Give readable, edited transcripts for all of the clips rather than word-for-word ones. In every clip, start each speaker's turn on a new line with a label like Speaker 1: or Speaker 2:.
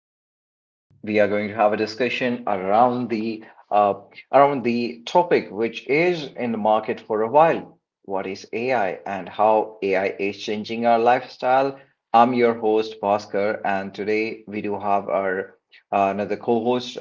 Speaker 1: Today, we are going to have a discussion around uh, the topic which is in the market for a while. What is AI and how AI is changing our lifestyle? I'm your host Bhaskar, and today we do have our another co-host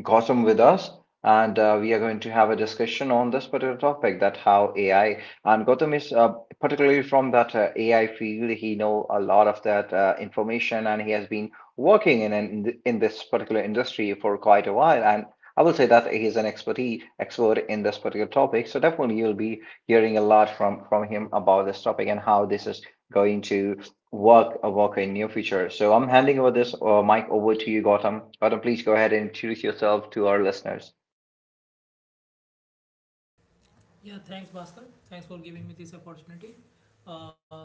Speaker 1: Gautam with us, and we are going to have a discussion on this particular topic that how AI and Gautam is particularly from that AI field. He know a lot of that information, and he has been working in this particular industry for quite a while. And I will say that he's an expert in this particular topic. So definitely, you'll be hearing a lot from him about this topic and how this is going to work work in near future. So I'm handing over this mic over to you, Gautam. Gautam, please go ahead and introduce yourself to our listeners.
Speaker 2: Yeah, thanks, Bhaskar. Thanks for giving me this opportunity. Uh,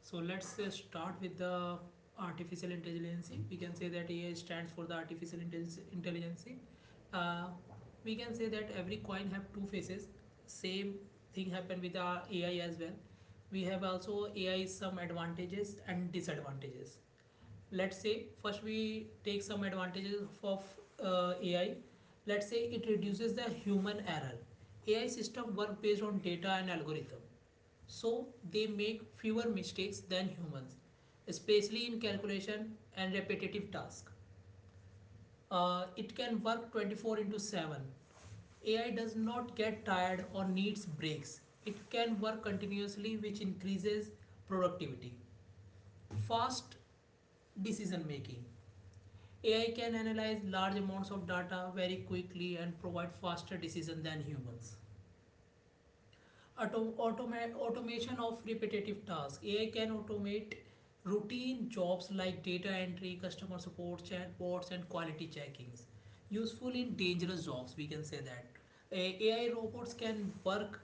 Speaker 2: so let's start with the artificial intelligence. We can say that AI stands for the artificial intelligence. Uh, we can say that every coin have two faces. Same thing happen with our AI as well. We have also AI some advantages and disadvantages. Let's say first we take some advantages of AI. Let's say it reduces the human error. AI system work based on data and algorithm, so they make fewer mistakes than humans, especially in calculation and repetitive tasks. It can work 24 into 7. AI does not get tired or needs breaks. It can work continuously, which increases productivity. Fast decision making. AI can analyze large amounts of data very quickly and provide faster decision than humans. Automation of repetitive tasks. AI can automate routine jobs like data entry, customer support, chatbots, and quality checkings. Useful in dangerous jobs, we can say that. AI robots can work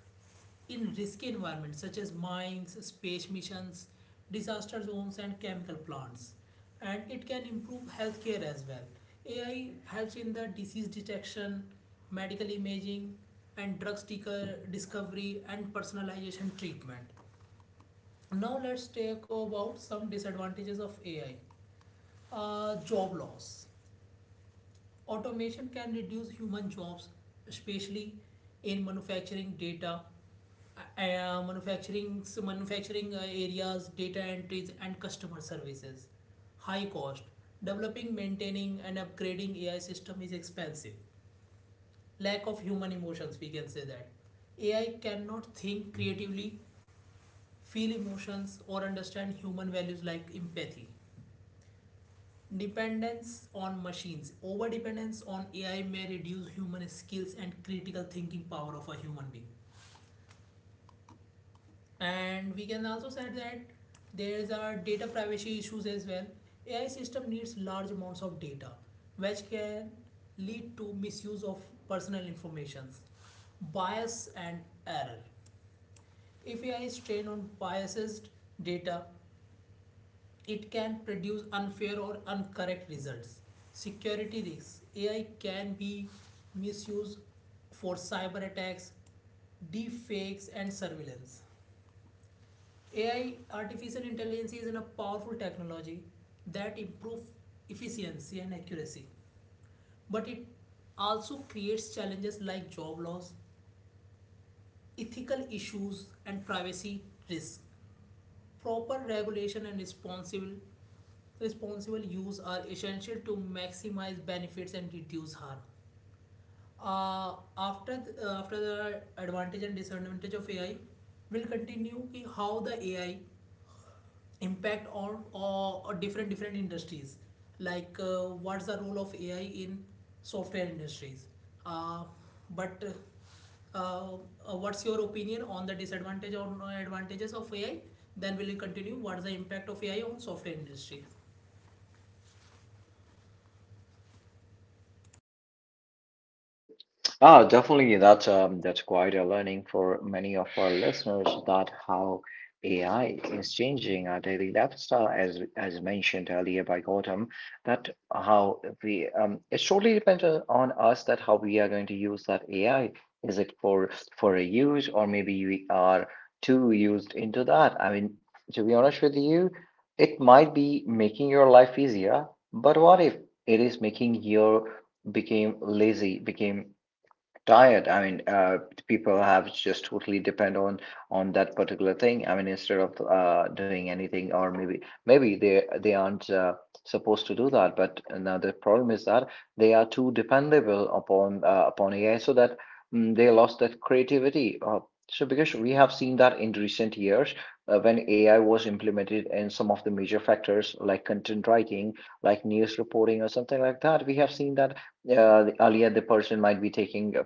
Speaker 2: in risky environments such as mines, space missions, disaster zones, and chemical plants. And it can improve healthcare as well. AI helps in the disease detection, medical imaging, and drug sticker discovery and personalization treatment. Now, let's take about some disadvantages of AI. Job loss. Automation can reduce human jobs, especially in manufacturing areas, data entries, and customer services. High cost. Developing, maintaining, and upgrading AI system is expensive. Lack of human emotions, we can say that. AI cannot think creatively, feel emotions, or understand human values like empathy. Dependence on machines. Over dependence on AI may reduce human skills and critical thinking power of a human being. And we can also say that there are data privacy issues as well. AI system needs large amounts of data, which can lead to misuse of personal informations, bias and error. If AI is trained on biased data, it can produce unfair or incorrect results. Security risks. AI can be misused for cyber attacks, deepfakes, and surveillance. AI, artificial intelligence, is a powerful technology that improves efficiency and accuracy, but it also creates challenges like job loss, ethical issues, and privacy risks. Proper regulation and responsible use are essential to maximize benefits and reduce harm. After the advantage and disadvantage of AI, we'll continue ki how the AI impact on or different different industries. Like what's the role of AI in software industries? Uh, but uh, what's your opinion on the disadvantage or no advantages of AI? Then we'll continue. What's the impact of AI on software industry?
Speaker 1: Ah, definitely. That's quite a learning for many of our listeners that how AI is changing our daily lifestyle, as mentioned earlier by Gautam, that how we it totally depends on us that how we are going to use that AI. Is it for a use or maybe we are too used into that? I mean, to be honest with you, it might be making your life easier, but what if it is making your became lazy, became tired, I mean, people have just totally depend on that particular thing. I mean, instead of doing anything, or maybe they aren't supposed to do that, but now the problem is that they are too dependable upon AI so that they lost that creativity. So because we have seen that in recent years, when AI was implemented in some of the major factors like content writing, like news reporting or something like that, we have seen that earlier the person might be taking uh,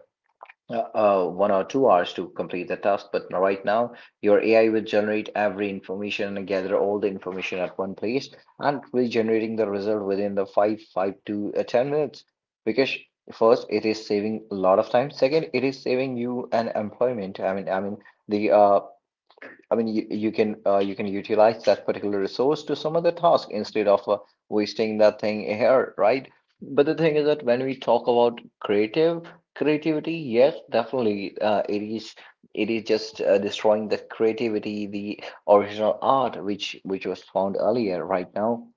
Speaker 1: uh, uh, one or two hours to complete the task. But right now, your AI will generate every information and gather all the information at one place, and it will generating the result within the five to 10 minutes. Because first, it is saving a lot of time. Second, it is saving you an employment. I mean, the I mean, you can utilize that particular resource to some other task instead of wasting that thing here, right? But the thing is that when we talk about creative creativity, yes, definitely, it is just destroying the creativity, the original art which was found earlier. Right now,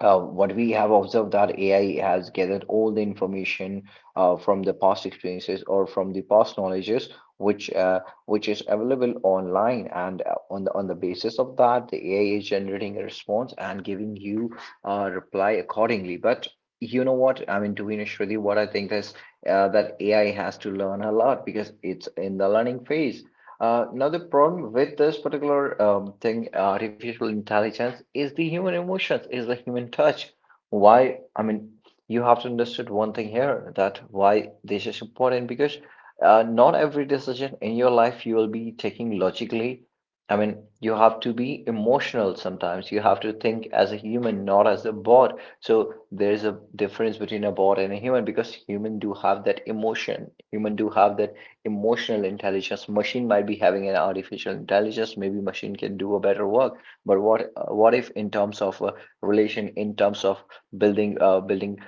Speaker 1: what we have observed that AI has gathered all the information from the past experiences or from the past knowledges, which uh, which is available online, and on the basis of that, the AI is generating a response and giving you a reply accordingly. But you know what? I mean, to be honest with you, what I think is that AI has to learn a lot because it's in the learning phase. Now, the problem with this particular thing, artificial intelligence, is the human emotions, is the human touch. Why? I mean, you have to understand one thing here that why this is important because not every decision in your life you will be taking logically. I mean, you have to be emotional sometimes. You have to think as a human, not as a bot. So there is a difference between a bot and a human because human do have that emotion. Human do have that emotional intelligence. Machine might be having an artificial intelligence. Maybe machine can do a better work, but what if in terms of relation, in terms of building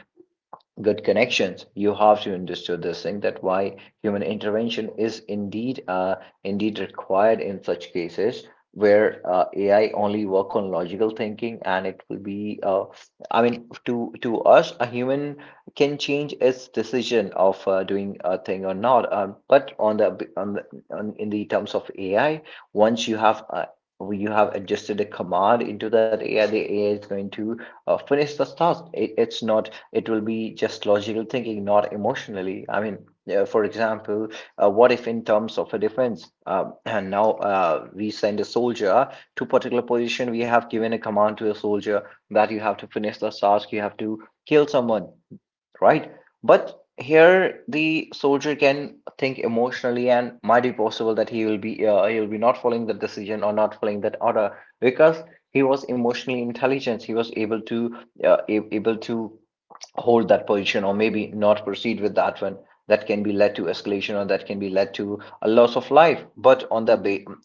Speaker 1: good connections, you have to understand this thing that why human intervention is indeed required in such cases where AI only work on logical thinking, and it will be I mean, to us, a human can change its decision of doing a thing or not. But in the terms of AI, once you have adjusted a command into that AI, the AI is going to finish the task. It's not it will be just logical thinking, not emotionally. I mean, for example, what if in terms of a defense, and now we send a soldier to particular position. We have given a command to a soldier that you have to finish the task, you have to kill someone, right? But here the soldier can think emotionally, and might be possible that he will be not following the decision or not following that order because he was emotionally intelligent. He was able to able to hold that position or maybe not proceed with that one. That can be led to escalation, or that can be led to a loss of life. But on the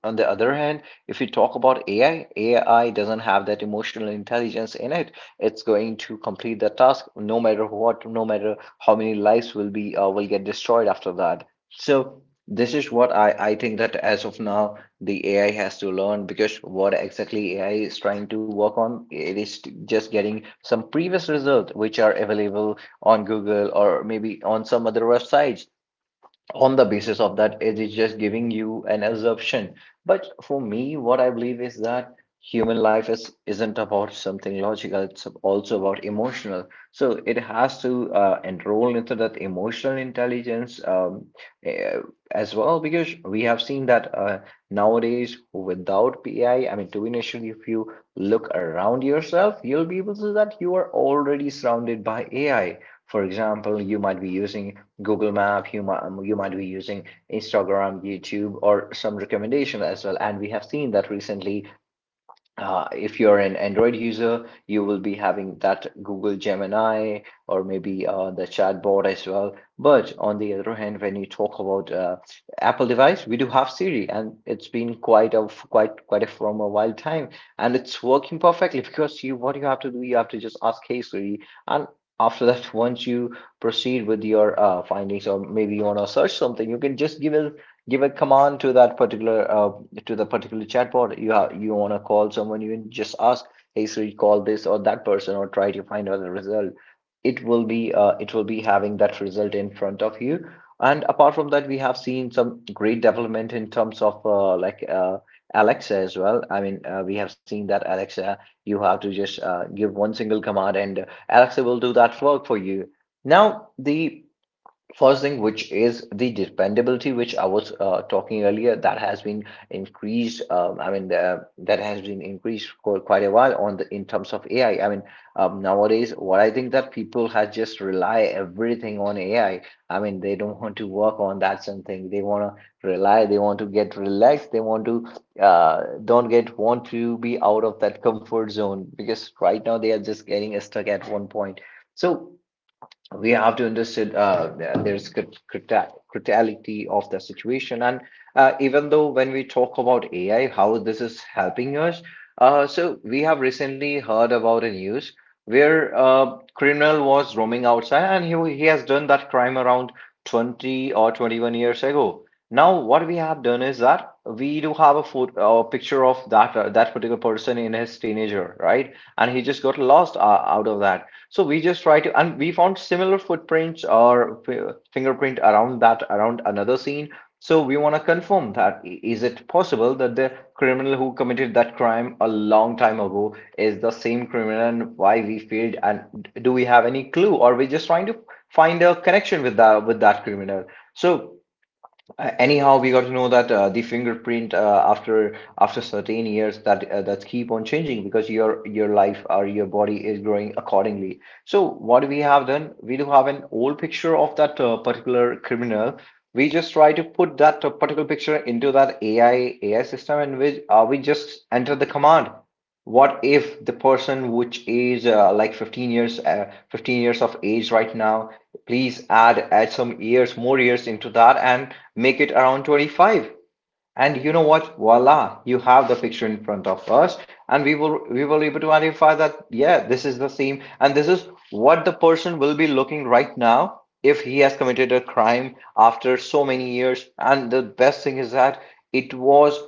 Speaker 1: other hand, if you talk about AI, AI doesn't have that emotional intelligence in it. It's going to complete the task, no matter what, no matter how many lives will be will get destroyed after that. So this is what I think, that as of now the AI has to learn, because what exactly AI is trying to work on, it is just getting some previous results which are available on Google or maybe on some other websites. On the basis of that, it is just giving you an assumption. But for me, what I believe is that human life is isn't about something logical, it's also about emotional. So it has to enroll into that emotional intelligence eh, as well. Because we have seen that nowadays without AI, I mean, to be initially, if you look around yourself, you'll be able to see that you are already surrounded by AI. For example, you might be using Google Map, you might be using Instagram, YouTube, or some recommendation as well. And we have seen that recently, if you're an Android user, you will be having that Google Gemini or maybe the chatbot as well. But on the other hand, when you talk about Apple device, we do have Siri, and it's been quite a quite quite a from a while time, and it's working perfectly because you, what you have to do, you have to just ask, "Hey Siri," and after that, once you proceed with your findings, or maybe you want to search something, you can just give a command to that particular to the particular chatbot you you want to call someone, you just ask, "Hey Siri, call this or that person," or try to find out the result. It will be having that result in front of you. And apart from that, we have seen some great development in terms of Alexa as well. I mean, we have seen that Alexa, you have to just give one single command and Alexa will do that work for you. Now, the first thing, which is the dependability, which I was talking earlier, that has been increased. I mean, that has been increased for quite a while on the in terms of AI. I mean, nowadays, what I think that people have just rely everything on AI. I mean, they don't want to work on that something. They want to rely. They want to get relaxed. They want to don't get want to be out of that comfort zone because right now they are just getting stuck at one point. So we have to understand there's criticality of the situation. And even though when we talk about AI, how this is helping us, so we have recently heard about a news where a criminal was roaming outside and he has done that crime around 20 or 21 years ago. Now what we have done is that we do have a photo, picture of that particular person in his teenager, right? And he just got lost out of that. So we just try to, and we found similar footprints or fingerprint around that, around another scene. So we want to confirm that, is it possible that the criminal who committed that crime a long time ago is the same criminal, and why we failed, and do we have any clue, or we're just trying to find a connection with that, with that criminal. So Anyhow, we got to know that the fingerprint after certain years that keep on changing because your life or your body is growing accordingly. So what we have done, we do have an old picture of that particular criminal. We just try to put that particular picture into that AI system, and we just enter the command. What if the person which is like 15 years 15 years of age right now? Please add some years, more years into that and make it around 25. And you know what? Voila, you have the picture in front of us, and we will be able to identify that, yeah, this is the same, and this is what the person will be looking right now if he has committed a crime after so many years. And the best thing is that it was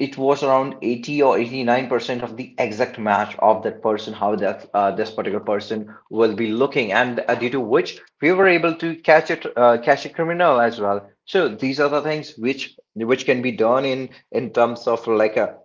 Speaker 1: it was around 80 or 89% of the exact match of that person how that this particular person will be looking, and due to which we were able to catch a criminal as well. So these are the things which can be done in terms of like a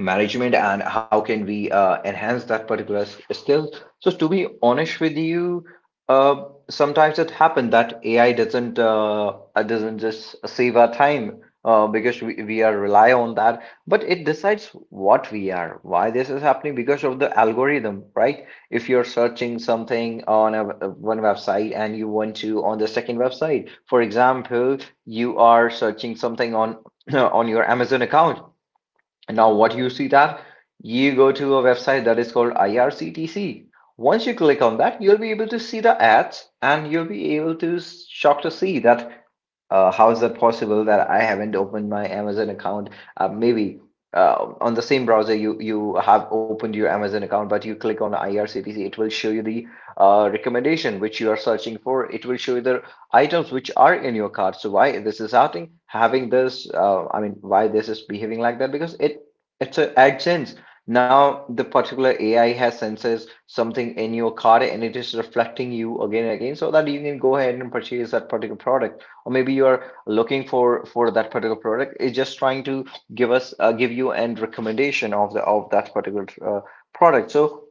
Speaker 1: management and how can we enhance that particular skill. So to be honest with you, sometimes it happened that AI doesn't just save our time, because we are rely on that, but it decides what we are. Why this is happening? Because of the algorithm, right? If you're searching something on one website and you want to on the second website, for example, you are searching something on on your Amazon account, and now what you see that you go to a website that is called IRCTC. Once you click on that, you'll be able to see the ads and you'll be able to shock to see that, how is that possible that I haven't opened my Amazon account? Maybe on the same browser you have opened your Amazon account, but you click on IRCTC, it will show you the recommendation which you are searching for. It will show you the items which are in your cart. So why this is happening? Having this, I mean, why this is behaving like that? Because it's a AdSense. Now the particular AI has senses something in your cart and it is reflecting you again and again so that you can go ahead and purchase that particular product, or maybe you are looking for that particular product. It's just trying to give you an recommendation of the of that particular product. So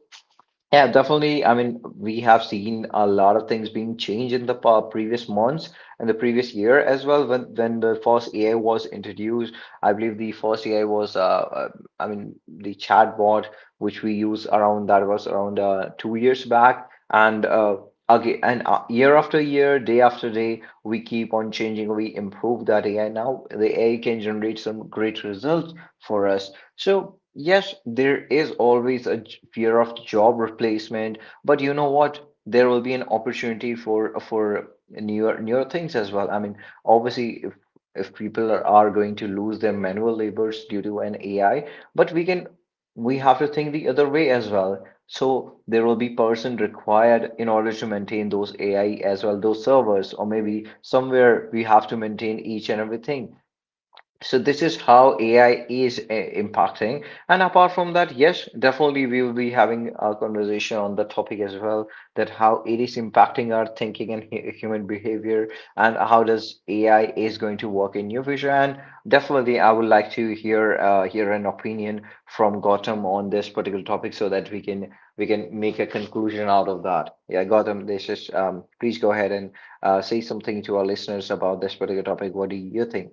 Speaker 1: yeah, definitely. I mean, we have seen a lot of things being changed in the previous months and the previous year as well. When the first AI was introduced, I believe the first AI was, uh, I mean, the chatbot which we use around that was around 2 years back, and year after year, day after day, we keep on changing. We improve that AI. Now the AI can generate some great results for us. So, yes, there is always a fear of job replacement, but you know what? There will be an opportunity for newer things as well. I mean, obviously, if people are going to lose their manual labors due to an AI, but we can, we have to think the other way as well. So there will be person required in order to maintain those AI as well, those servers, or maybe somewhere we have to maintain each and everything. So this is how AI is impacting. And apart from that, yes, definitely we will be having a conversation on the topic as well, that how it is impacting our thinking and human behavior, and how does AI is going to work in near future. And definitely, I would like to hear an opinion from Gautam on this particular topic, so that we can, we can make a conclusion out of that. Yeah, Gautam, this is please go ahead and say something to our listeners about this particular topic. What do you think?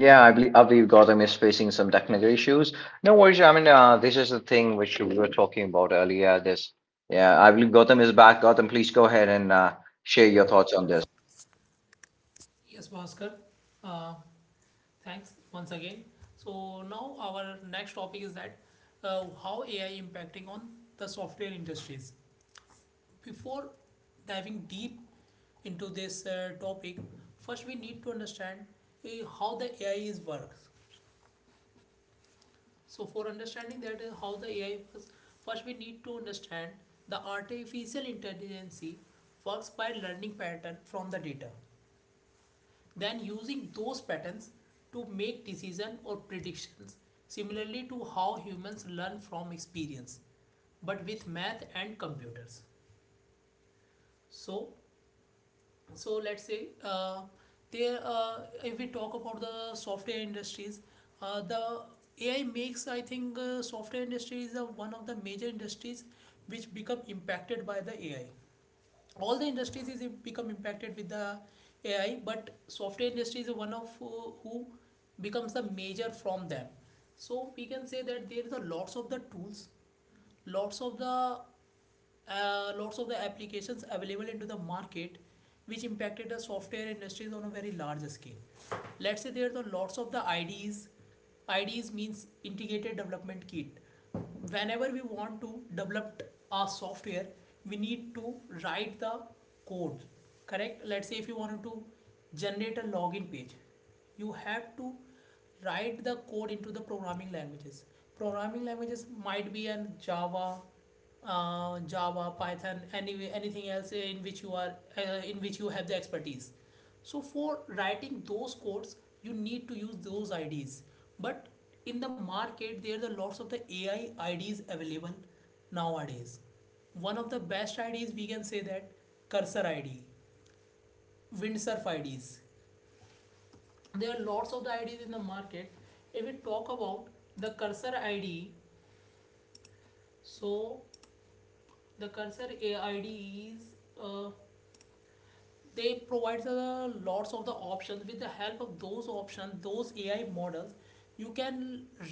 Speaker 1: Yeah, I believe Gotham is facing some technical issues. No worries. I mean, this is the thing which we were talking about earlier. This, yeah, I believe Gotham is back. Gotham, please go ahead and share
Speaker 2: Your
Speaker 1: your
Speaker 2: thoughts on
Speaker 1: thoughts on this.
Speaker 2: this. Yes, Bhaskar. Uh, thanks once again. So now our next topic is that how AI impacting on the software industries. Before diving deep into this topic, first we need to understand how the AI is works. So for understanding that how the AI works, first we need to understand the artificial intelligence works by learning pattern from the data, then using those patterns to make decision or predictions, similarly to how humans learn from experience but with math and computers. So so let's say there if we talk about the software industries, the AI makes, I think software industry is the one of the major industries which become impacted by the AI. All the industries is become impacted with the AI, but software industry is one of who becomes the major from them. So we can say that there is a lots of the tools, lots of the lots of the applications available into the market which impacted the software industries on a very large scale. Let's say there are the lots of the IDs. IDs means integrated development kit. Whenever we want to develop a software, we need to write the code, correct. Let's say if you wanted to generate a login page, you have to write the code into the programming languages. Programming languages might be an java, Java, Python, any anything else in which you are in which you have the expertise. So for writing those codes, you need to use those IDs. But in the market, there are lots of the AI IDs available nowadays. One of the best IDs we can say that Cursor ID, Windsurf IDs. There are lots of the IDs in the market. If we talk about the Cursor ID, so the Cursor AI ID is uh, they provide lots of the options. With the help of those options, those AI models, you can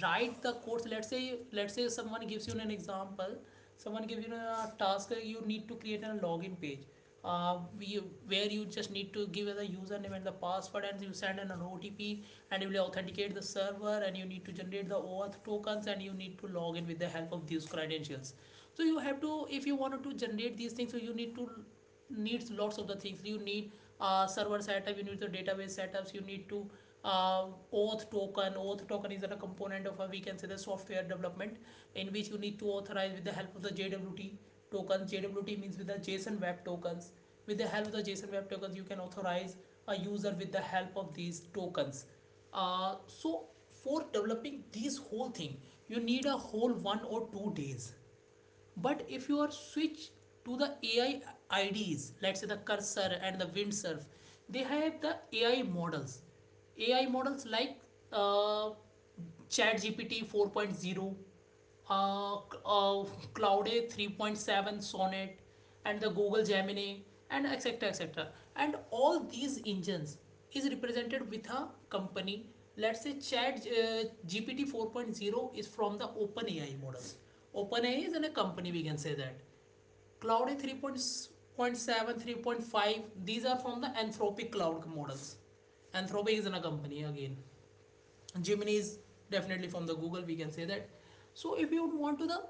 Speaker 2: write the codes. Let's say someone gives you an example. Someone gives you a task, you need to create a login page, uh, we, where you just need to give the username and the password and you send an OTP and you will authenticate the server and you need to generate the OAuth tokens and you need to log in with the help of these credentials. So you have to, if you wanted to generate these things, so you need to needs lots of the things. You need server setup, you need the database setups, you need to uh, auth token is a component of a, we can say, the software development in which you need to authorize with the help of the JWT tokens. JWT means with the JSON web tokens. With the help of the JSON web tokens, you can authorize a user with the help of these tokens. So for developing this whole thing, you need a whole 1 or 2 days. But if you are switch to the AI IDs, let's say the cursor and the windsurf, they have the AI models. AI models like uh, chat gpt 4.0, uh, uh, Claude 3.7 sonnet and the Google Gemini and etc etc. And all these engines is represented with a company. Let's say chat gpt 4.0 is from the openai models. Openai is in a company, we can say that. Cloud 3.7 3.5, these are from the anthropic cloud models. Anthropic is in a company again. Gemini is definitely from the Google, we can say that. So if you want to the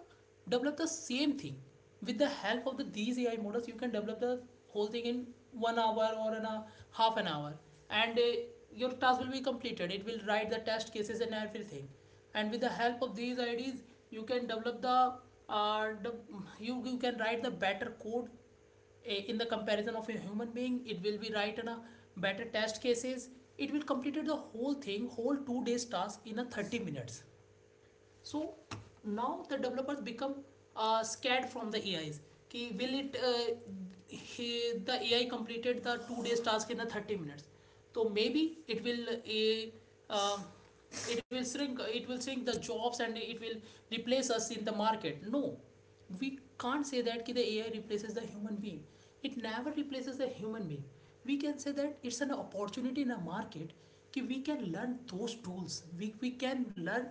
Speaker 2: develop the same thing with the help of the, these AI models, you can develop the whole thing in 1 hour or in a half an hour, and your task will be completed. It will write the test cases and everything, and with the help of these IDs, you can develop uh, the you can write the better code in the comparison of a human being. It will be right in a better test cases. It will completed the whole thing, whole 2 days task in a 30 minutes. So now the developers become scared from the ais कि will it the ai completed the 2 days task in a 30 minutes, so maybe it will uh, shrink it will shrink the jobs and it will replace us in the market. No, we can't say that ki the ai replaces the human being. It never replaces the human being. We can say that it's an opportunity in a market ki we can learn those tools. We can learn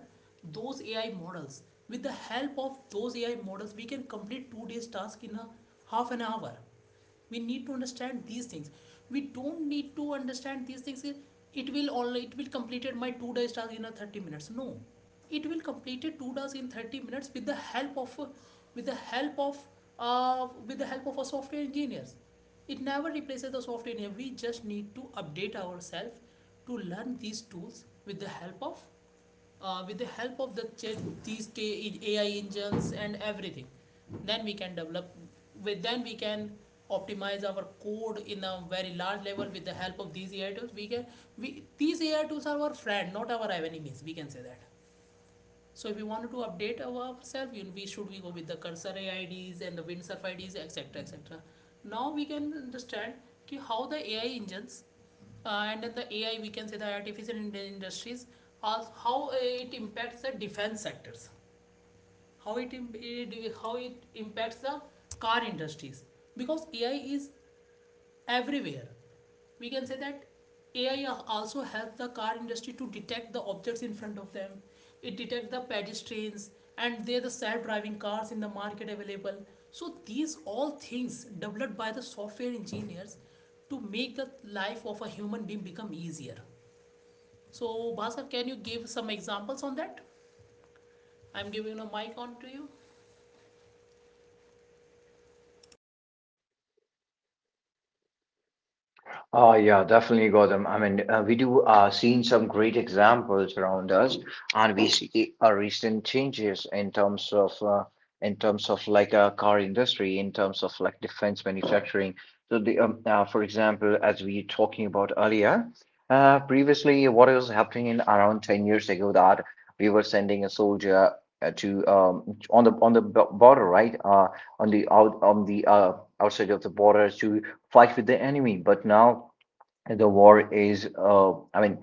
Speaker 2: those ai models. With the help of those ai models we can complete 2 days task in a half an hour. We need to understand these things. We don't need to understand these things. It will only, it will completed my 2 days task in a 30 minutes. No, it will completed 2 days in 30 minutes with the help of with the help of with the help of a software engineers. It never replaces the software engineer. We just need to update ourselves to learn these tools with the help of uh, with the help of the these AI engines and everything, then we can develop. With then we can optimize our code in a very large level with the help of these AI tools. We can we these AI tools are our friend, not our enemies. We can say that. So if we wanted to update ourselves, we should we go with the cursor AIDs and the windsurf IDs, etc., etc. et cetera. Now we can understand ki how the AI engines and the AI, we can say the artificial industries, how it impacts the defense sectors, how how it impacts the car industries, because AI is everywhere. We can say that AI also helps the car industry to detect the objects in front of them. It detects the pedestrians, and there are the self-driving cars in the market available. So these all things developed by the software engineers to make the life of a human being become easier. So Bhaskar, can you give some examples on that? I'm giving a mic on to you.
Speaker 1: Oh, yeah, definitely, Gautam. I mean, we do seen some great examples around us, and we see recent changes in terms of like car industry, in terms of like defense manufacturing. So the for example, as we were talking about earlier, previously what was happening in around 10 years ago that we were sending a soldier to on the border, right? On the outside of the border to fight with the enemy. But now the war is, I mean,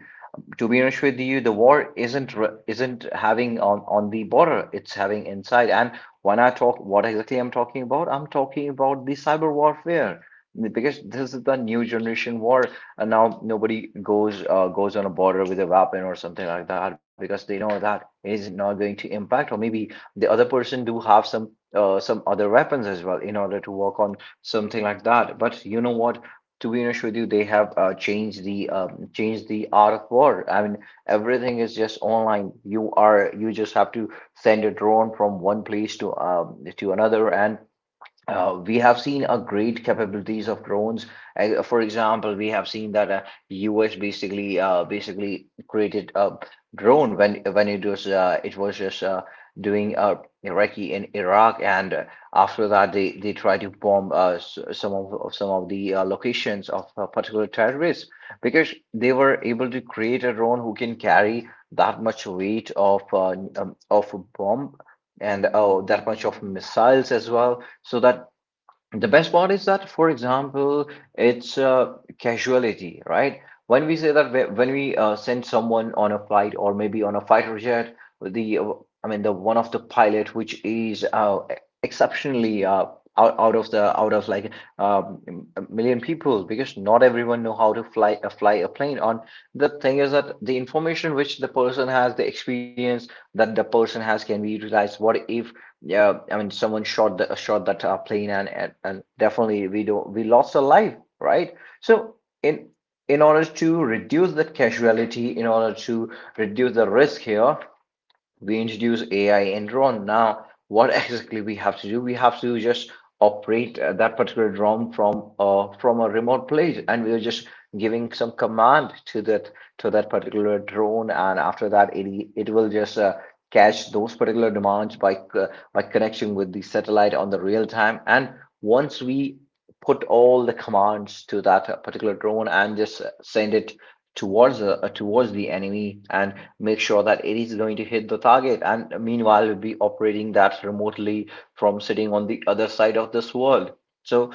Speaker 1: to be honest with you, the war isn't having on the border; it's having inside. And when I talk, what exactly I'm talking about? I'm talking about the cyber warfare, because this is the new generation war, and now nobody goes on a border with a weapon or something like that, because they know that is not going to impact, or maybe the other person do have some other weapons as well in order to work on something like that. But you know what, to be honest with you, they have changed the art of war. I mean, everything is just online. You just have to send a drone from one place to another, and we have seen a great capabilities of drones. For example, we have seen that US basically created a drone when it was just doing Iraqi in Iraq, and after that they tried to bomb some of the locations of particular terrorists, because they were able to create a drone who can carry that much weight of a bomb and that much of missiles as well. So that, the best part is that, for example, it's casuality, right? When we say that when we send someone on a flight or maybe on a fighter jet, the I mean the one of the pilot which is exceptionally, out of the out of like um, a million people, because not everyone know how to fly a plane. On, the thing is that the information which the person has, the experience that the person has can be utilized. What if, yeah, I mean, shot that plane, and, and definitely we don't we lost a life, right? So in in order to reduce that casualty, in order to reduce the risk here, we introduce AI in ROM. Now, what exactly we have to do? We have to just operate that particular ROM from a remote place, and we are just giving some command to that, to that particular drone, and after that, it will just catch those particular demands by connection with the satellite on the real time. And once we put all the commands to that particular drone and just send it towards the enemy, and make sure that it is going to hit the target. And meanwhile, we'll be operating that remotely from sitting on the other side of this world. So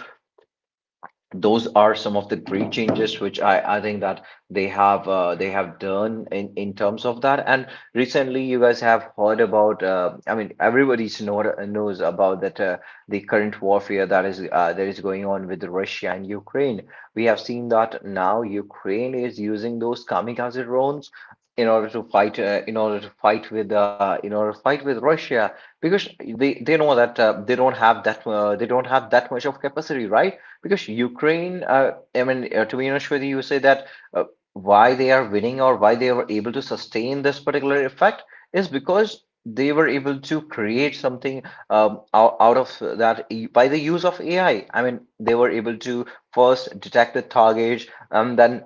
Speaker 1: those are some of the great changes which I think that they have done in terms of that. And recently, you guys have heard about I mean everybody's knows about that the current warfare that is going on with Russia and Ukraine. We have seen that now Ukraine is using those kamikaze drones in order to fight in order to fight with in order to fight with Russia, because they know that they don't have that much of capacity, right? Because Ukraine, I mean, to be honest with you, you say that, uh, why they are winning or why they were able to sustain this particular effect is because they were able to create something out of that by the use of AI. I mean, they were able to first detect the target, and then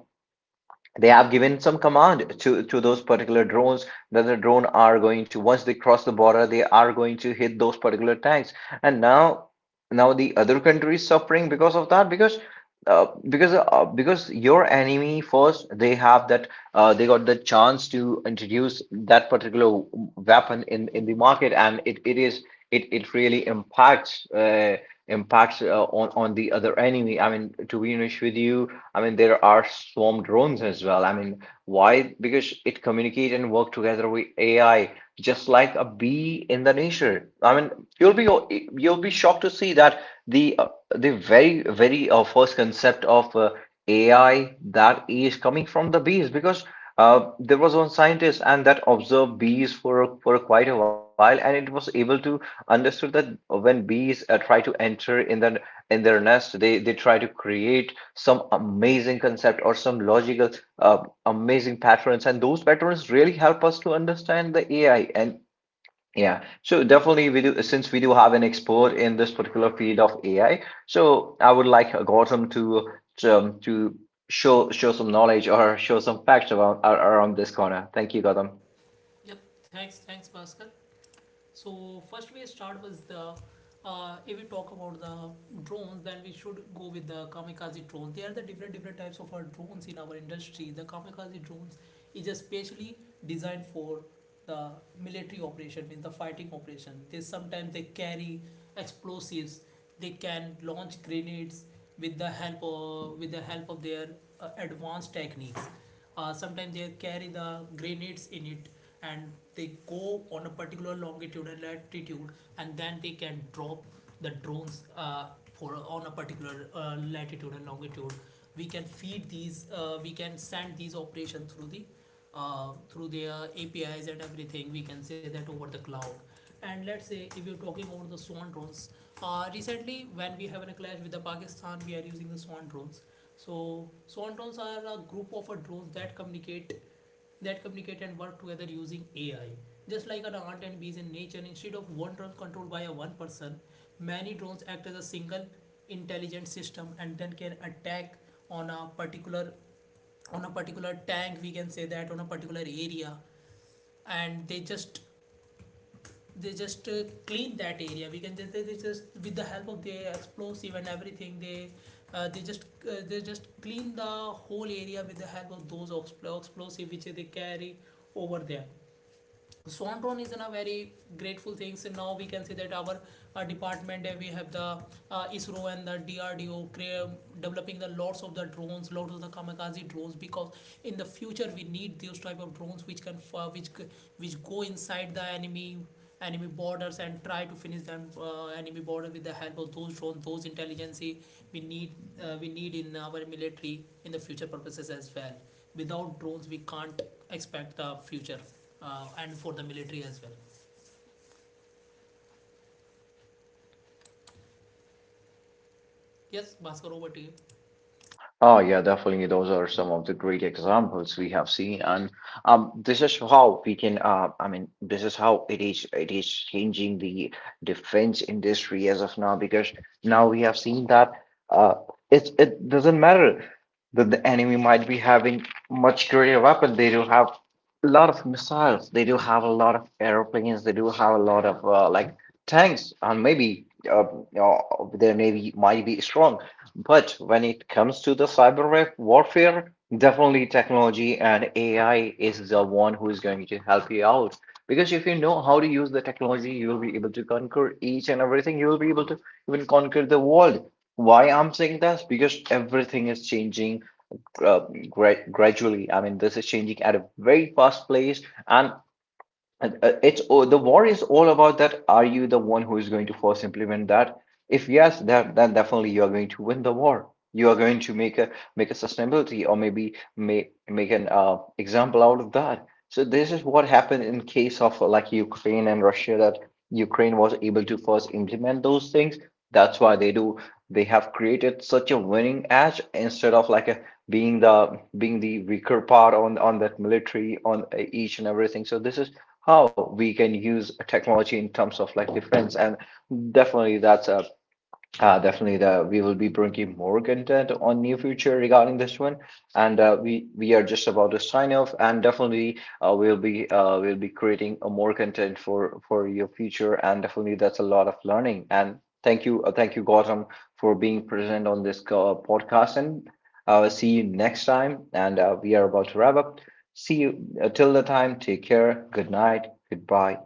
Speaker 1: they have given some command to those particular drones that the drone are going to, once they cross the border, they are going to hit those particular tanks. And now, now the other country is suffering because of that, because your enemy first they have that, they got the chance to introduce that particular weapon in the market, and it is it really impacts impacts on the other enemy. I mean, to be honest with you, I mean, there are swarm drones as well. I mean, why? Because it communicate and work together with AI, just like a bee in the nature. I mean, you'll be you'll be shocked to see that the uh, the very first concept of AI, that is coming from the bees. Because there was one scientist and that observed bees for quite a while, and it was able to understood that when bees try to enter in their nest, they try to create some amazing concept or some logical, amazing patterns, and those patterns really help us to understand the AI. And yeah, so definitely we do, since we do have an expert in this particular field of AI. So I would like Gautam to to show some knowledge or show some facts around this corner. Thank you, Gautam.
Speaker 2: Yep, thanks, Bhaskar. So first we start with the if we talk about the drones, then we should go with the kamikaze drones. There are the different different types of our drones in our industry. The kamikaze drones is especially designed for the military operation, means the fighting operation. They sometimes they carry explosives. They can launch grenades with the help of their advanced techniques. Sometimes they carry the grenades in it, and they go on a particular longitude and latitude, and then they can drop the drones for on a particular latitude and longitude. We can send these operations through the through their APIs and everything, we can say that over the cloud. And let's say if you're talking about the swan drones, recently when we have a clash with the Pakistan, we are using the swan drones. So swan are a group of drones that communicate and work together using AI. Just like an ant and bees in nature, instead of one drone controlled by a one person, many drones act as a single intelligent system and then can attack on a particular on a particular tank. We can say that on a particular area, and they just clean that area. We can just they just with the help of the explosive and everything, they they just clean the whole area with the help of those explosive which they carry over there. Swanton is in a very grateful thing. So now we can see that our, department, we have the ISRO and the DRDO developing the lots of the drones, lots of the kamikaze drones, because in the future we need those type of drones which can which go inside the enemy borders and try to finish them enemy border with the help of those drones, those intelligence. we need we need in our military in the future purposes as well. Without drones, we can't expect the future, and for the military as well. Yes Bhaskar, over to you.
Speaker 1: Oh yeah, definitely. Those are some of the great examples we have seen, and this is how we can. I mean, this is how it is. It is changing the defense industry as of now, because now we have seen that uh, it doesn't matter that the enemy might be having much greater weapon. They do have a lot of missiles. They do have a lot of airplanes. They do have a lot of like tanks, and maybe uh, uh, their navy might be strong. But when it comes to the warfare, definitely technology and AI is the one who is going to help you out. Because if you know how to use the technology, you will be able to conquer each and everything. You will be able to even conquer the world. Why I'm saying this? Because everything is changing gradually. I mean, this is changing at a very fast pace, and it's oh, the war is all about that. Are you the one who is going to first implement that? If yes, that, then definitely you are going to win the war. You are going to make a sustainability, or maybe make an example out of that. So this is what happened in case of like Ukraine and Russia, that Ukraine was able to first implement those things. That's why they have created such a winning edge, instead of like a being the weaker part on that military on each and everything. So this is how we can use technology in terms of like defense, and definitely that's a definitely, the, we will be bringing more content on near future regarding this one, and we we are just about to sign off, and definitely we'll be creating a more content for your future, and definitely that's a lot of learning. And thank you, Gautam, for being present on this podcast, and see you next time. And we are about to wrap up. See you till the time. Take care. Good night. Goodbye.